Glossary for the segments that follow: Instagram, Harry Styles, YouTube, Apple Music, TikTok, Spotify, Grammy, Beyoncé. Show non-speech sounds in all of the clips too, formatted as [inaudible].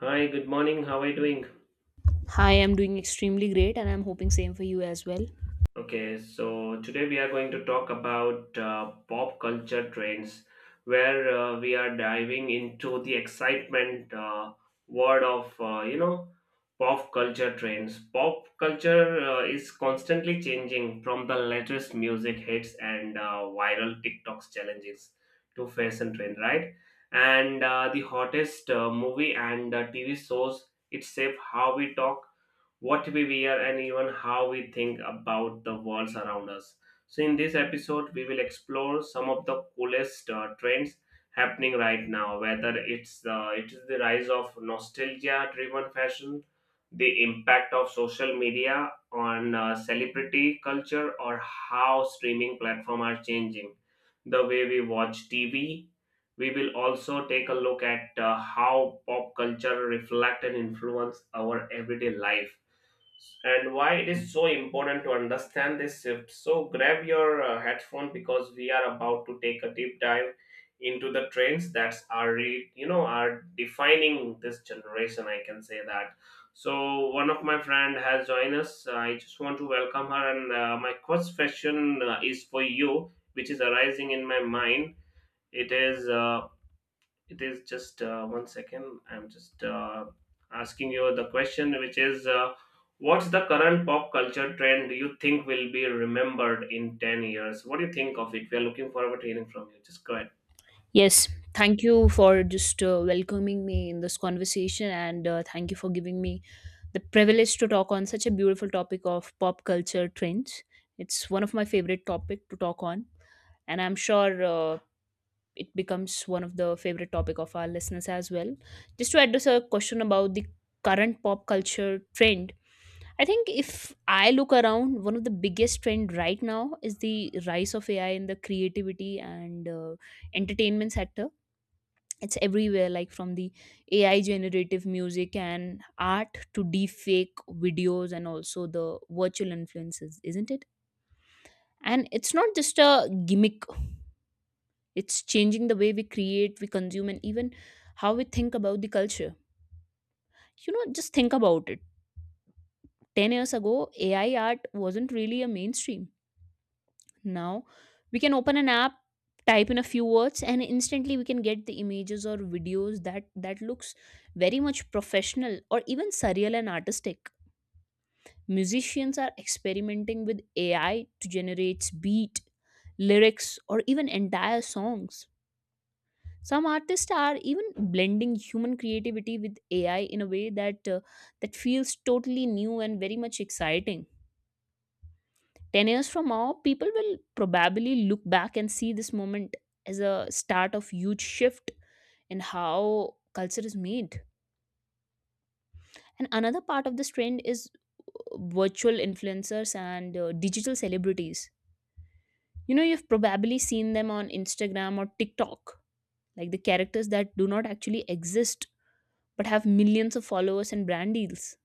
Hi, good morning. How are you doing? Hi, I'm doing extremely great, and I'm hoping same for you as well. Okay, so today we are going to talk about pop culture trends, where we are diving into the excitement world of pop culture trends. Pop culture is constantly changing, from the latest music hits and viral TikToks challenges to fashion trend, right? And the hottest movie and TV shows. It shape how we talk, what we wear, and even how we think about the worlds around us. So, in this episode, we will explore some of the coolest trends happening right now. Whether it is the rise of nostalgia-driven fashion, the impact of social media on celebrity culture, or how streaming platforms are changing the way we watch TV. We will also take a look at how pop culture reflect and influence our everyday life and why it is so important to understand this shift. So grab your headphone because we are about to take a deep dive into the trends that's are re- you know are defining this generation. I can say that. So one of my friend has joined us. I just want to welcome her, and my first question is for you, which is arising in my mind. It is it is just one second, I'm just asking you the question, which is what's the current pop culture trend you think will be remembered in 10 years? What do you think of it? We are looking forward to hearing from you. Just go ahead. Yes, thank you for just welcoming me in this conversation, and thank you for giving me the privilege to talk on such a beautiful topic of pop culture trends. It's one of my favorite topic to talk on, and I'm sure it becomes one of the favorite topic of our listeners as well. Just to address a question about the current pop culture trend, I think if I look around, one of the biggest trend right now is the rise of AI in the creativity and entertainment sector. It's everywhere, like from the AI generative music and art to deepfake videos and also the virtual influences, isn't it? And it's not just a gimmick, it's changing the way we create, we consume, and even how we think about the culture. You know, just think about it. 10 years ago, AI art wasn't really a mainstream. Now we can open an app, type in a few words, and instantly we can get the images or videos that looks very much professional or even surreal and artistic. Musicians are experimenting with AI to generate beat, lyrics, or even entire songs. Some artists are even blending human creativity with AI in a way that feels totally new and very much exciting. 10 years from now, people will probably look back and see this moment as a start of huge shift in how culture is made. And another part of this trend is virtual influencers and digital celebrities. You know, you've probably seen them on Instagram or TikTok, like the characters that do not actually exist but have millions of followers and brand deals.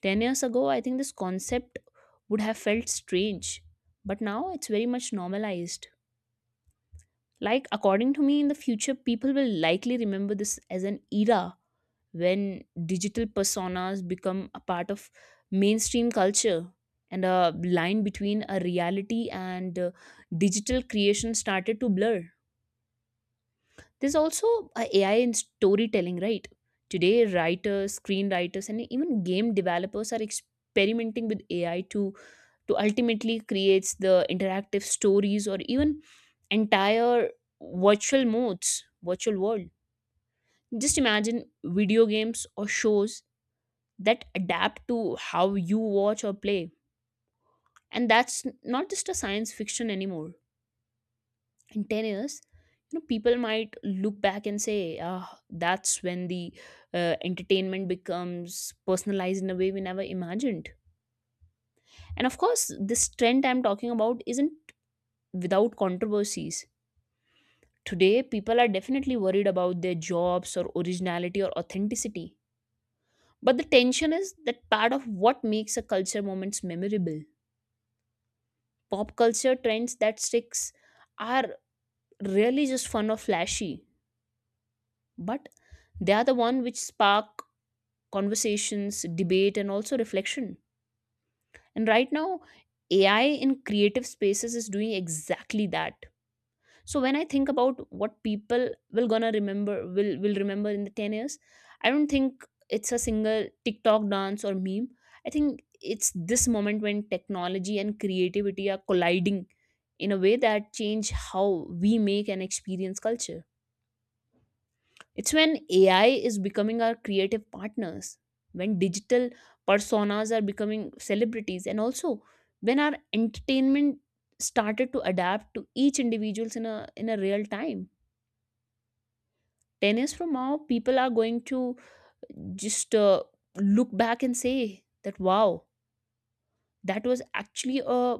10 years ago, I think this concept would have felt strange, but now it's very much normalized. Like, according to me, in the future, people will likely remember this as an era when digital personas become a part of mainstream culture and a line between a reality and digital creation started to blur. There's also a AI in storytelling, right? Today, writers, screenwriters, and even game developers are experimenting with AI to ultimately creates the interactive stories or even entire virtual modes, virtual world. Just imagine video games or shows that adapt to how you watch or play. And that's not just a science fiction anymore. In 10 years, you know, people might look back and say, ah, that's when the entertainment becomes personalized in a way we never imagined. And of course, this trend I'm talking about isn't without controversies. Today, people are definitely worried about their jobs or originality or authenticity. But the tension is that part of what makes a culture moments memorable. Pop culture trends that sticks are really just fun or flashy, but they are the one which spark conversations, debate and also reflection. And right now, AI in creative spaces is doing exactly that. So when I think about what people will gonna remember, will remember in the 10 years, I don't think it's a single TikTok dance or meme. I think it's this moment when technology and creativity are colliding in a way that change how we make and experience culture. It's when AI is becoming our creative partners, when digital personas are becoming celebrities, and also when our entertainment started to adapt to each individuals in a real time. 10 years from now, people are going to just look back and say that, wow, that was actually a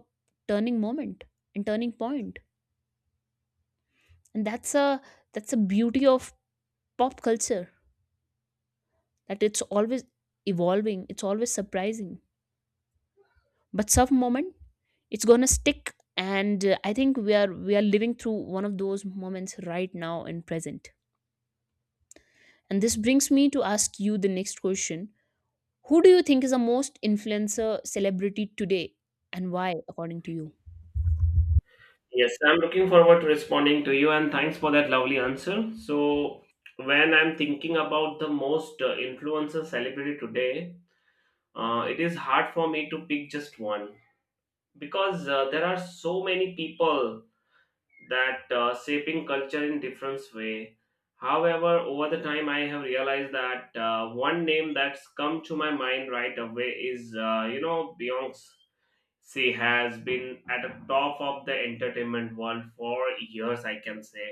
turning moment and turning point. And that's a, that's a beauty of pop culture, that it's always evolving, it's always surprising, but some moment it's gonna stick. And I think we are living through one of those moments right now in present. And this brings me to ask you the next question. Who do you think is the most influencer celebrity today, and why, according to you? Yes, I'm looking forward to responding to you, and thanks for that lovely answer. So, when I'm thinking about the most influencer celebrity today, it is hard for me to pick just one, because there are so many people that shaping culture in different way. However, over the time I have realized that one name that's come to my mind right away is beyonce she has been at the top of the entertainment world for years, I can say.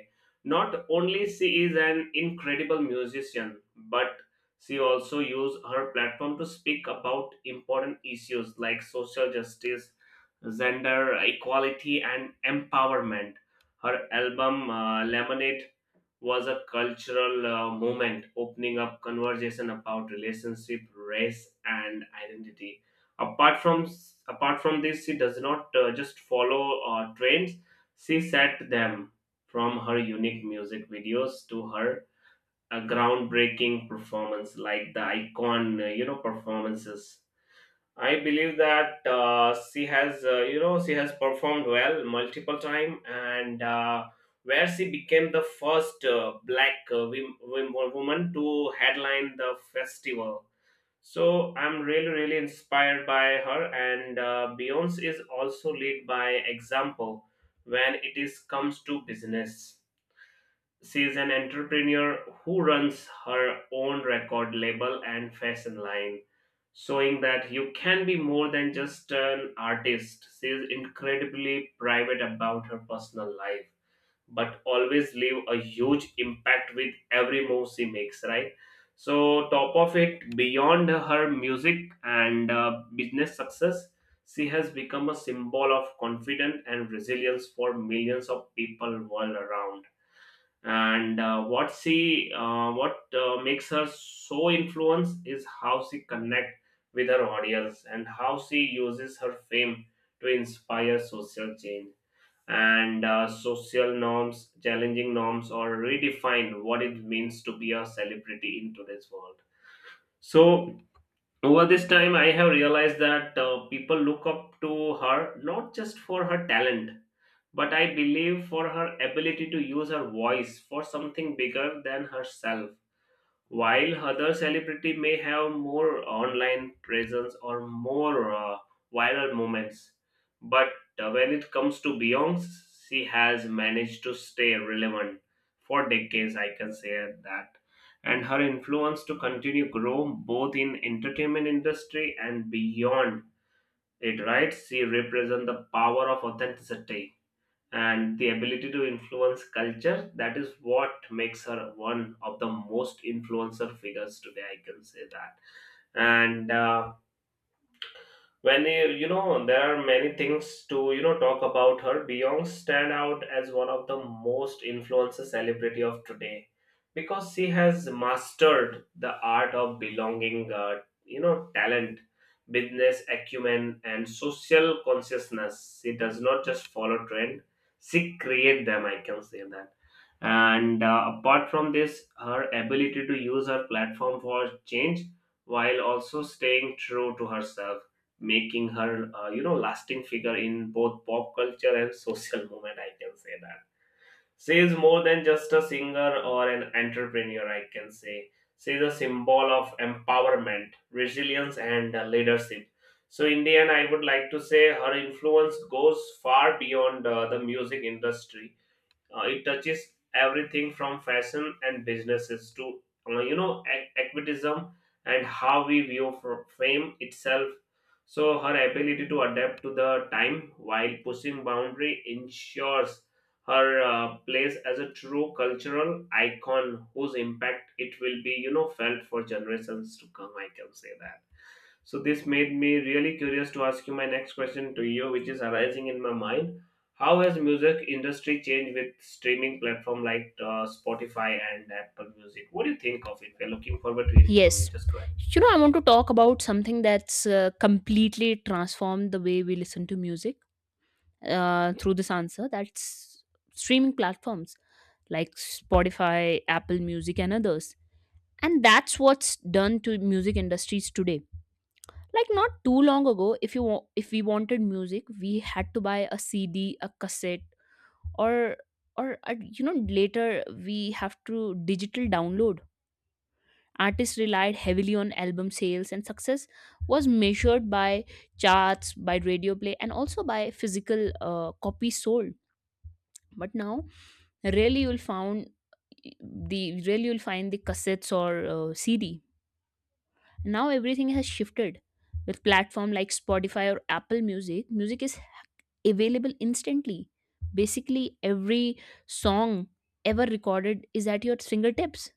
Not only she is an incredible musician, but she also used her platform to speak about important issues like social justice, gender equality, and empowerment. Her album, Lemonade, was a cultural movement, opening up conversation about relationship, race, and identity. Apart from apart from this, she does not just follow trends, she set them. From her unique music videos to her groundbreaking performance like the icon performances I believe that she has, she has performed well multiple time, and where she became the first black woman to headline the festival. So I'm really, really inspired by her, and Beyonce is also lead by example when it is comes to business. She's an entrepreneur who runs her own record label and fashion line, showing that you can be more than just an artist. She's incredibly private about her personal life, but always leave a huge impact with every move she makes, right? So, top of it, beyond her music and business success, she has become a symbol of confidence and resilience for millions of people world around. And what she what makes her so influence is how she connect with her audience and how she uses her fame to inspire social change and social norms, challenging norms or redefine what it means to be a celebrity in today's world. So over this time I have realized that people look up to her not just for her talent, but I believe for her ability to use her voice for something bigger than herself. While other celebrity may have more online presence or more viral moments, but when it comes to Beyonce, she has managed to stay relevant for decades, I can say that, and her influence to continue grow both in entertainment industry and beyond it. Right, she represents the power of authenticity and the ability to influence culture. That is what makes her one of the most influencer figures today, I can say that. And when you know there are many things to talk about her, Beyonce stand out as one of the most influential celebrity of today because she has mastered the art of belonging talent business acumen, and social consciousness. She does not just follow trend, she create them, I can say that. And apart from this, her ability to use her platform for change while also staying true to herself, making her lasting figure in both pop culture and social movement, I can say that. She is more than just a singer or an entrepreneur, I can say. She is a symbol of empowerment, resilience, and leadership. So in the end I would like to say her influence goes far beyond the music industry. It touches everything from fashion and businesses to activism and how we view fame itself. So her ability to adapt to the time while pushing boundary ensures her place as a true cultural icon whose impact it will be, felt for generations to come. I can say that. So this made me really curious to ask you my next question to you, which is arising in my mind, how has music industry changed with streaming platform like Spotify and Apple Music? What do you think of it? We're looking forward to hearing from you. Yes. Just go ahead. You know, I want to talk about something that's completely transformed the way we listen to music through this answer. That's streaming platforms like Spotify, Apple Music, and others. And that's what's done to music industries today. Like not too long ago, if you wa- if we wanted music, we had to buy a CD, a cassette, or or you know, later we have to digital download. Artists relied heavily on album sales and success was measured by charts, by radio play, and also by physical copies sold. But now, rarely you'll found rarely you'll find the cassettes or CD. Now everything has shifted. With platform like Spotify or Apple Music, music is available instantly. Basically, every song ever recorded is at your fingertips.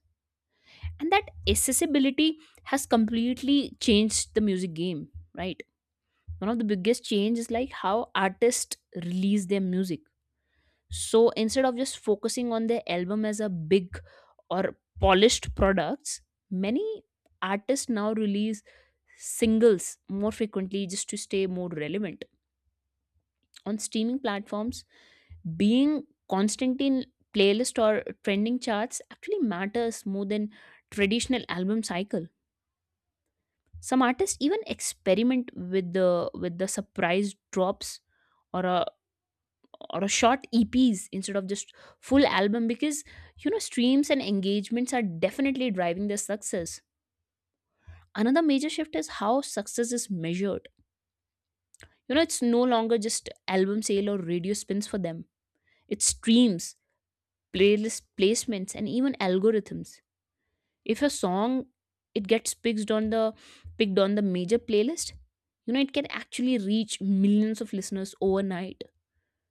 And that accessibility has completely changed the music game, right? One of the biggest change is like how artists release their music. So instead of just focusing on their album as a big or polished products, many artists now release singles more frequently just to stay more relevant on streaming platforms. Being constant in playlist or trending charts actually matters more than traditional album cycle. Some artists even experiment with the, with the surprise drops or a or a short EPs instead of just full album, because you know streams and engagements are definitely driving their success. Another major shift is how success is measured. You know, it's no longer just album sale or radio spins for them. It's streams, playlist placements, and even algorithms. If a song, it gets picked on the major playlist, you know it can actually reach millions of listeners overnight,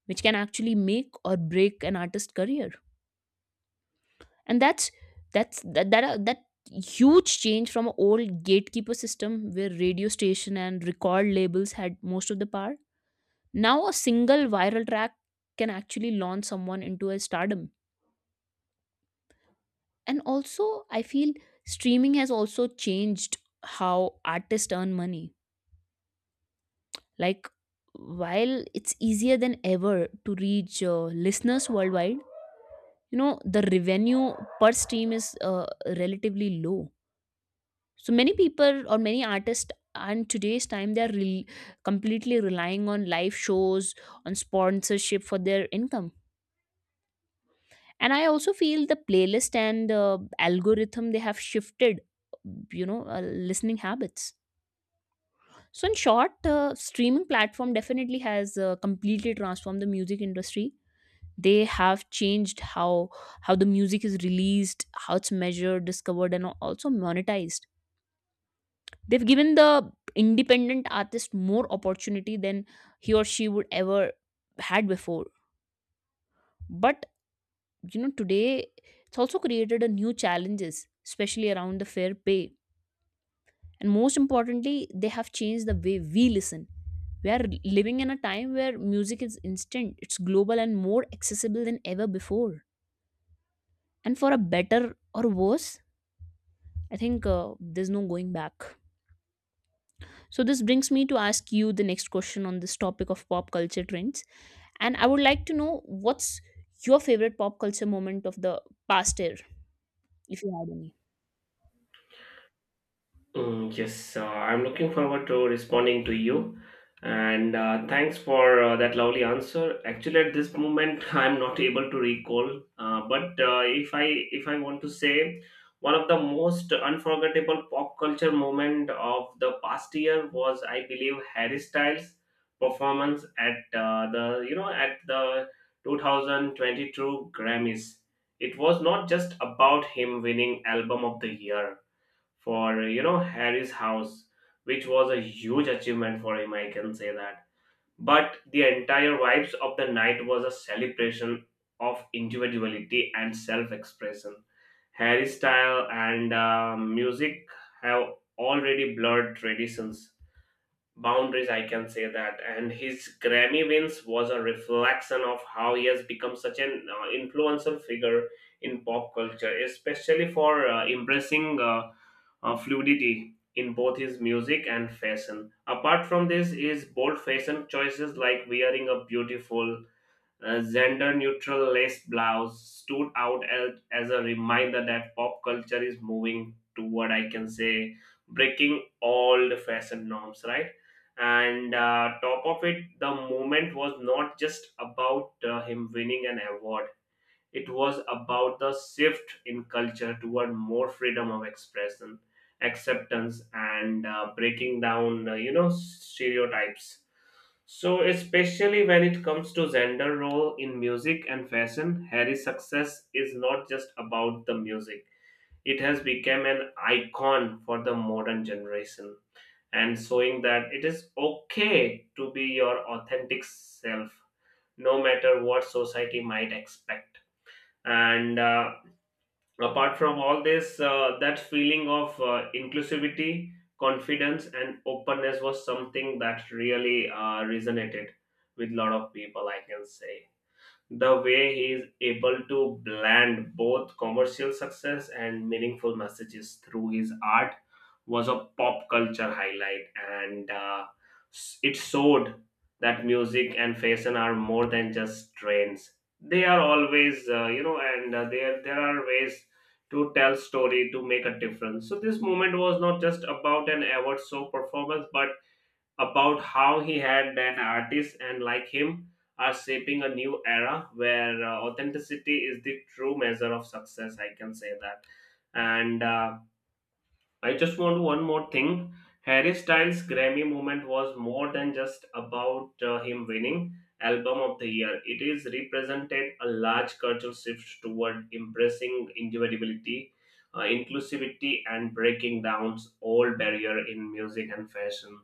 which can actually make or break an artist's career. And that's that that, that huge change from an old gatekeeper system where radio station and record labels had most of the power. Now, a single viral track can actually launch someone into a stardom. And also, I feel streaming has also changed how artists earn money. Like, while it's easier than ever to reach listeners worldwide, you know, the revenue per stream is relatively low. So many people or many artists and today's time, completely relying on live shows, on sponsorship for their income. And I also feel the playlist and algorithm, they have shifted, you know, listening habits. So in short, streaming platform definitely has completely transformed the music industry. They have changed how the music is released, how it's measured, discovered, and also monetized. They've given the independent artist more opportunity than he or she would ever had before. But you know, today it's also created a new challenges, especially around the fair pay. And most importantly, they have changed the way we listen. We are living in a time where music is instant, it's global, and more accessible than ever before. And for a better or worse, I think there's no going back. So this brings me to ask you the next question on this topic of pop culture trends. And I would like to know, what's your favorite pop culture moment of the past year, if you had any? Mm, yes, I'm looking forward to responding to you. And thanks for that lovely answer. Actually, at this moment, [laughs] I'm not able to recall. But if I, if I want to say, one of the most unforgettable pop culture moment of the past year was, I believe, Harry Styles' performance at the you know at the 2022 Grammys. It was not just about him winning Album of the Year for Harry's house, which was a huge achievement for him, I can say that. But the entire vibes of the night was a celebration of individuality and self-expression. Harry's style and music have already blurred traditions boundaries, I can say that, and his Grammy wins was a reflection of how he has become such an influential figure in pop culture, especially for embracing fluidity in both his music and fashion. Apart from this, his bold fashion choices like wearing a beautiful gender neutral lace blouse stood out as a reminder that pop culture is moving toward, I can say, breaking all the fashion norms, right? And top of it, the moment was not just about him winning an award, it was about the shift in culture toward more freedom of expression, acceptance, and breaking down, stereotypes. So, especially when it comes to gender role in music and fashion, Harry's success is not just about the music. It has become an icon for the modern generation and showing that it is okay to be your authentic self no matter what society might expect. And apart from all this that feeling of inclusivity, confidence, and openness was something that really resonated with a lot of people, I can say. The way he is able to blend both commercial success and meaningful messages through his art was a pop culture highlight. And it showed that music and fashion are more than just trends, they are always, you know and there are ways to tell story to make a difference. So this moment was not just about an award show performance, but about how he had an artist, and like him, are shaping a new era where authenticity is the true measure of success, I can say that. And I just want one more thing. Harry Styles' Grammy moment was more than just about him winning Album of the Year. It is represented a large cultural shift toward embracing individuality, inclusivity, and breaking down all barrier in music and fashion.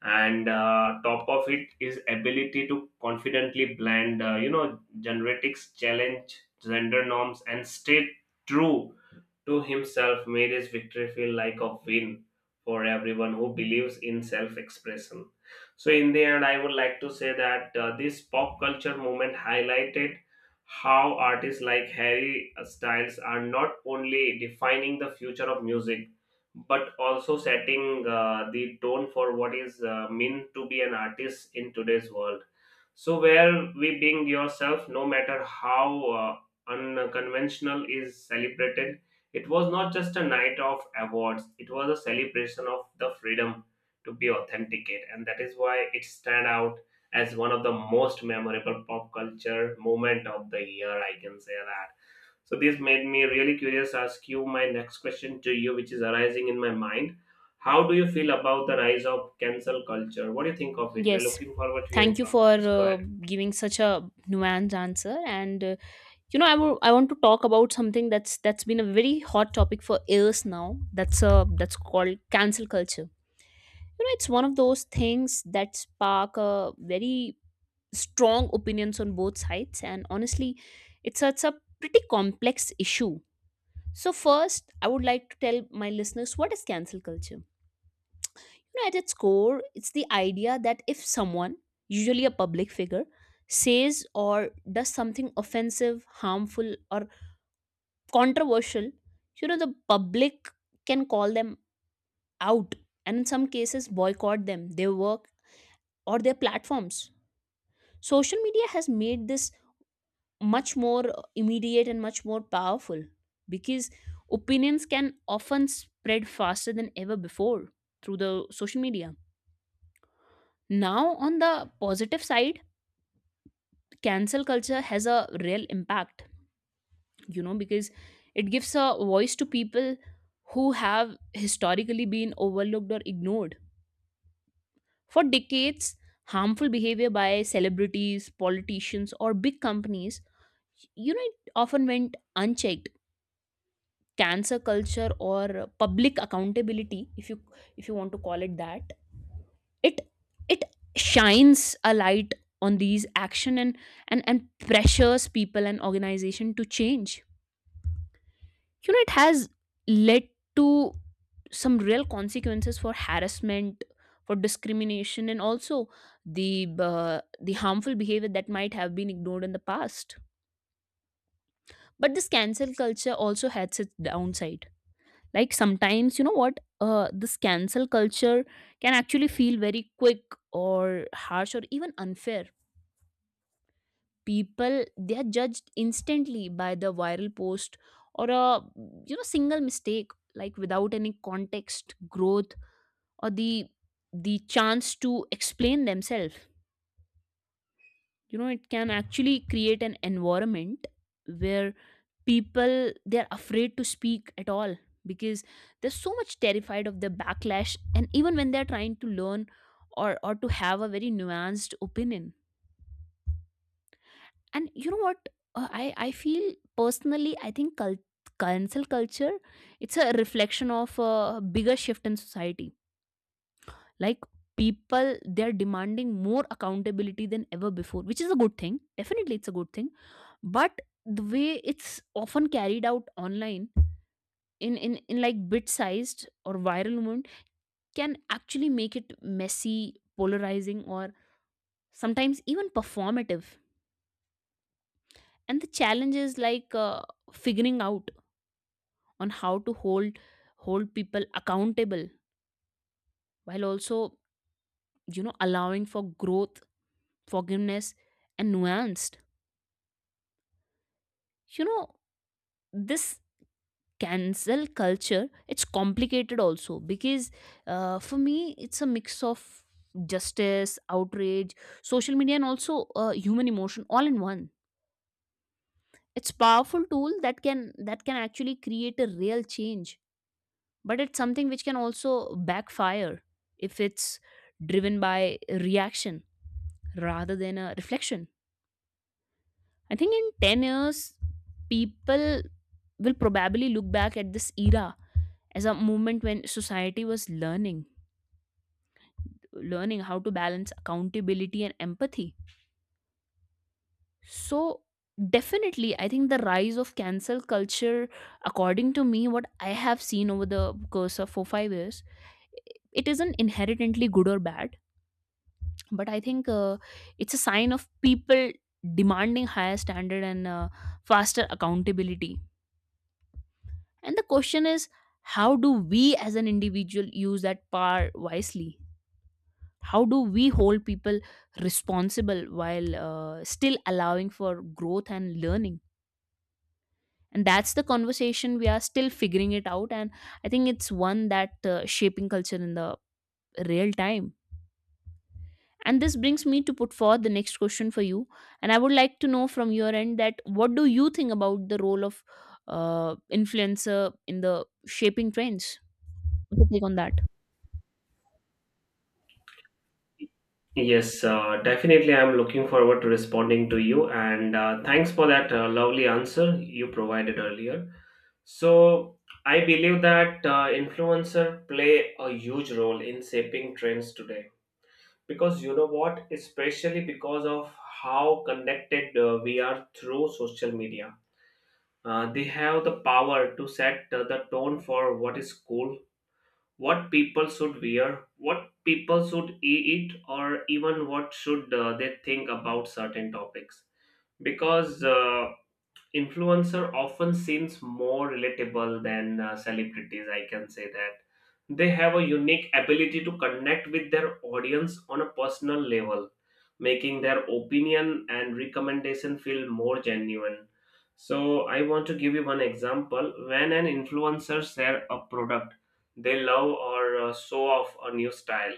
And top of it is ability to confidently blend, genetics, challenge gender norms, and stay true to himself made his victory feel like a win for everyone who believes in self expression. So, in the end, I would like to say that this pop culture movement highlighted how artists like Harry Styles are not only defining the future of music, but also setting the tone for what is meant to be an artist in today's world, so, where we being yourself, no matter how unconventional, is celebrated. It was not just a night of awards, it was a celebration of the freedom to be authenticate, and that is why it stand out as one of the most memorable pop culture moment of the year. I can say that. So, this made me really curious. Ask you my next question to you, which is arising in my mind. How do you feel about the rise of cancel culture? What do you think of it? We are Yes. looking forward to Thank hearing you from you. for Just go ahead. giving such a nuanced answer. And you know, I want to talk about something that's been a very hot topic for years now. That's called cancel culture. You know, it's one of those things that spark very strong opinions on both sides. And honestly, it's a pretty complex issue. So first, I would like to tell my listeners what is cancel culture. Know, at its core, it's the idea that if someone, usually a public figure, says or does something offensive, harmful, or controversial, you know, the public can call them out and in some cases boycott them, their work, or their platforms. Social media has made this much more immediate and much more powerful because opinions can often spread faster than ever before through the social media. Now, on the positive side, cancel culture has a real impact because it gives a voice to people who have historically been overlooked or ignored for decades. Harmful behavior by celebrities, politicians, or big companies, it often went unchecked. Cancer culture or public accountability, if you want to call it that, it it shines a light on these action and pressures people and organization to change. It has led to some real consequences for harassment, for discrimination, and also the the harmful behavior that might have been ignored in the past. But this cancel culture also has its downside. Like sometimes, you know what this cancel culture can actually feel very quick or harsh or even unfair. People, they are judged instantly by the viral post or a single mistake, like without any context, growth, or the chance to explain themselves. It can actually create an environment where people, they're afraid to speak at all, because they're so much terrified of the backlash, and even when they're trying to learn or to have a very nuanced opinion. And you know what? I feel personally, I think cancel culture, it's a reflection of a bigger shift in society. Like people, they're demanding more accountability than ever before, which is a good thing. Definitely, it's a good thing. But the way it's often carried out online, in like bit sized or viral moment, can actually make it messy, polarizing, or sometimes even performative. And the challenge is figuring out on how to hold people accountable while also allowing for growth, forgiveness, and nuanced. you know this cancel culture, it's complicated also because for me it's a mix of justice, outrage, social media, and also human emotion all in one. It's powerful tool that can actually create a real change, but it's something which can also backfire if it's driven by reaction rather than a reflection. I think in 10 years, people will probably look back at this era as a moment when society was learning, learning how to balance accountability and empathy. So, definitely, I think the rise of cancel culture, according to me, what I have seen over the course of four, 5 years, it isn't inherently good or bad, but I think it's a sign of people demanding higher standard and faster accountability. And the question is, how do we as an individual use that power wisely? How do we hold people responsible while still allowing for growth and learning? And that's the conversation we are still figuring it out. And I think it's one that shaping culture in the real time. And this brings me to put forth the next question for you. And I would like to know from your end that what do you think about the role of influencer in the shaping trends? What's your take on that? Yes, definitely. I'm looking forward to responding to you. And thanks for that lovely answer you provided earlier. So, I believe that influencer play a huge role in shaping trends today. Because you know what? Especially because of how connected we are through social media. They have the power to set the tone for what is cool, what people should wear, what people should eat, or even what should they think about certain topics. Because influencer often seems more relatable than celebrities, I can say that. They have a unique ability to connect with their audience on a personal level, making their opinion and recommendation feel more genuine. So I want to give you one example. When an influencer share a product they love or show off a new style,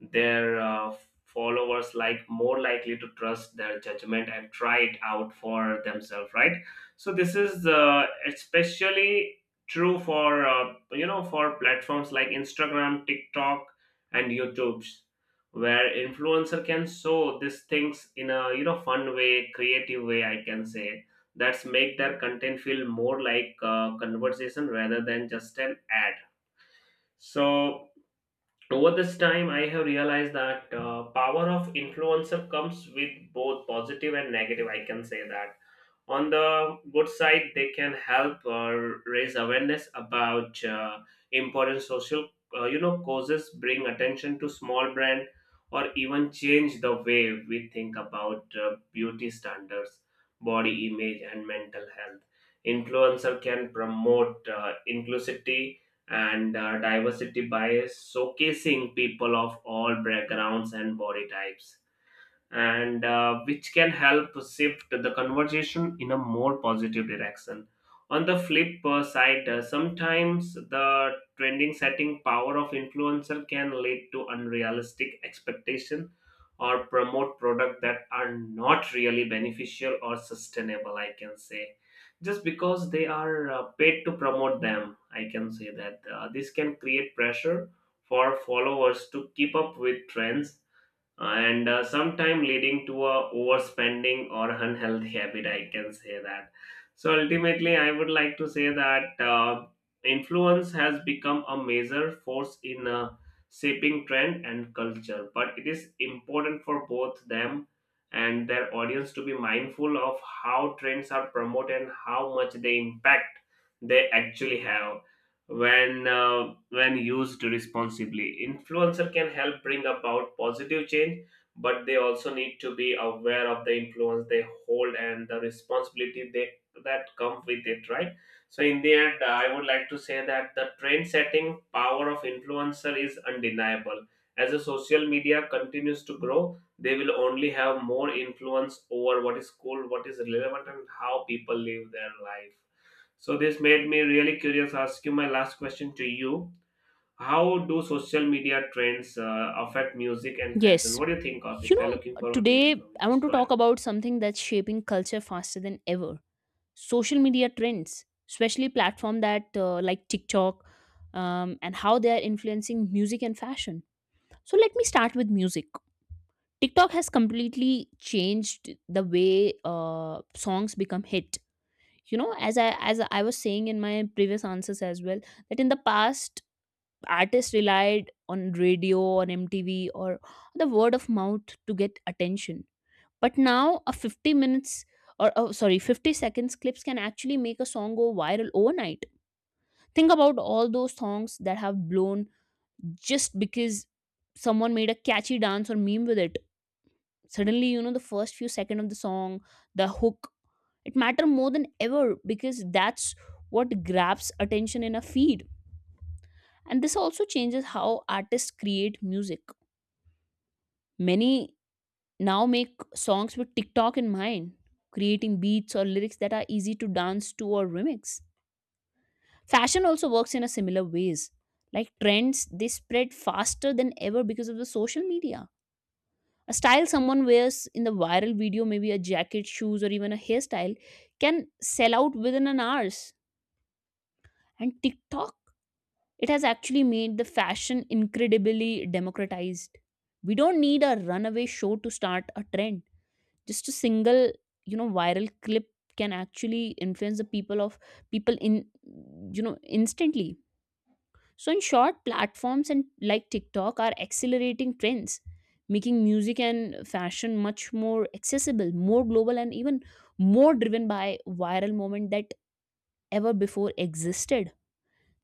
their followers like more likely to trust their judgment and try it out for themselves, right? So this is especially true for for platforms like Instagram, TikTok, and YouTube, where influencer can show these things in a you know fun way, creative way. I can say that's make their content feel more like a conversation rather than just an ad. So over this time, I have realized that power of influencer comes with both positive and negative. I can say that on the good side, they can help raise awareness about important social, causes, bring attention to small brand, or even change the way we think about beauty standards, body image, and mental health. Influencer can promote inclusivity and diversity bias, showcasing people of all backgrounds and body types, and which can help shift the conversation in a more positive direction. On the flip side, sometimes the trending setting power of influencer can lead to unrealistic expectation or promote product that are not really beneficial or sustainable, I can say, just because they are paid to promote them. I can say that this can create pressure for followers to keep up with trends, and sometime leading to a overspending or unhealthy habit, I can say that. So ultimately I would like to say that influence has become a major force in shaping trend and culture, but it is important for both them and their audience to be mindful of how trends are promoted and how much they impact they actually have. When when used responsibly, influencer can help bring about positive change, but they also need to be aware of the influence they hold and the responsibility they that come with it, right? So in the end, I would like to say that the trend setting power of influencer is undeniable. As the social media continues to grow, they will only have more influence over what is cool, what is relevant, and how people live their life. So this made me really curious. Ask you my last question to you. How do social media trends affect music and fashion? Yes. What do you think of it? You We're know, looking forward to hearing today from you. I Just want to go ahead. talk about something that's shaping culture faster than ever, social media trends, especially platform that like TikTok, and how they are influencing music and fashion. So let me start with music. TikTok has completely changed the way songs become hit. You know, as I was saying in my previous answers as well, that in the past, artists relied on radio, on mtv, or the word of mouth to get attention. But now a 50 minutes, or sorry, 50 seconds clips can actually make a song go viral overnight. Think about all those songs that have blown just because someone made a catchy dance or meme with it. Suddenly, the first few seconds of the song, the hook, it matter more than ever, because that's what grabs attention in a feed. And this also changes how artists create music. Many now make songs with TikTok in mind, creating beats or lyrics that are easy to dance to or remix. Fashion also works in a similar ways. Like trends, they spread faster than ever because of the social media. A style someone wears in the viral video, maybe a jacket, shoes, or even a hairstyle, can sell out within an hours. And TikTok, it has actually made the fashion incredibly democratized. We don't need a runaway show to start a trend, just a single, viral clip, can actually influence the people of people in, instantly. So in short, platforms and like tiktok are accelerating trends, making music and fashion much more accessible, more global, and even more driven by viral moment that ever before existed.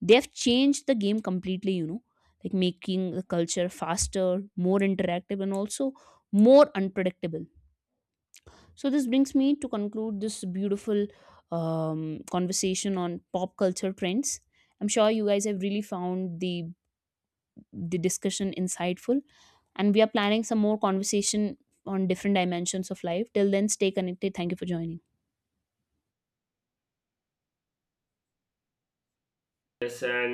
They have changed the game completely, you know, like making the culture faster, more interactive, and also more unpredictable. So this brings me to conclude this beautiful conversation on pop culture trends. I'm sure you guys have really found the discussion insightful, and we are planning some more conversation on different dimensions of life. Till then, stay connected. Thank you for joining. Yes, and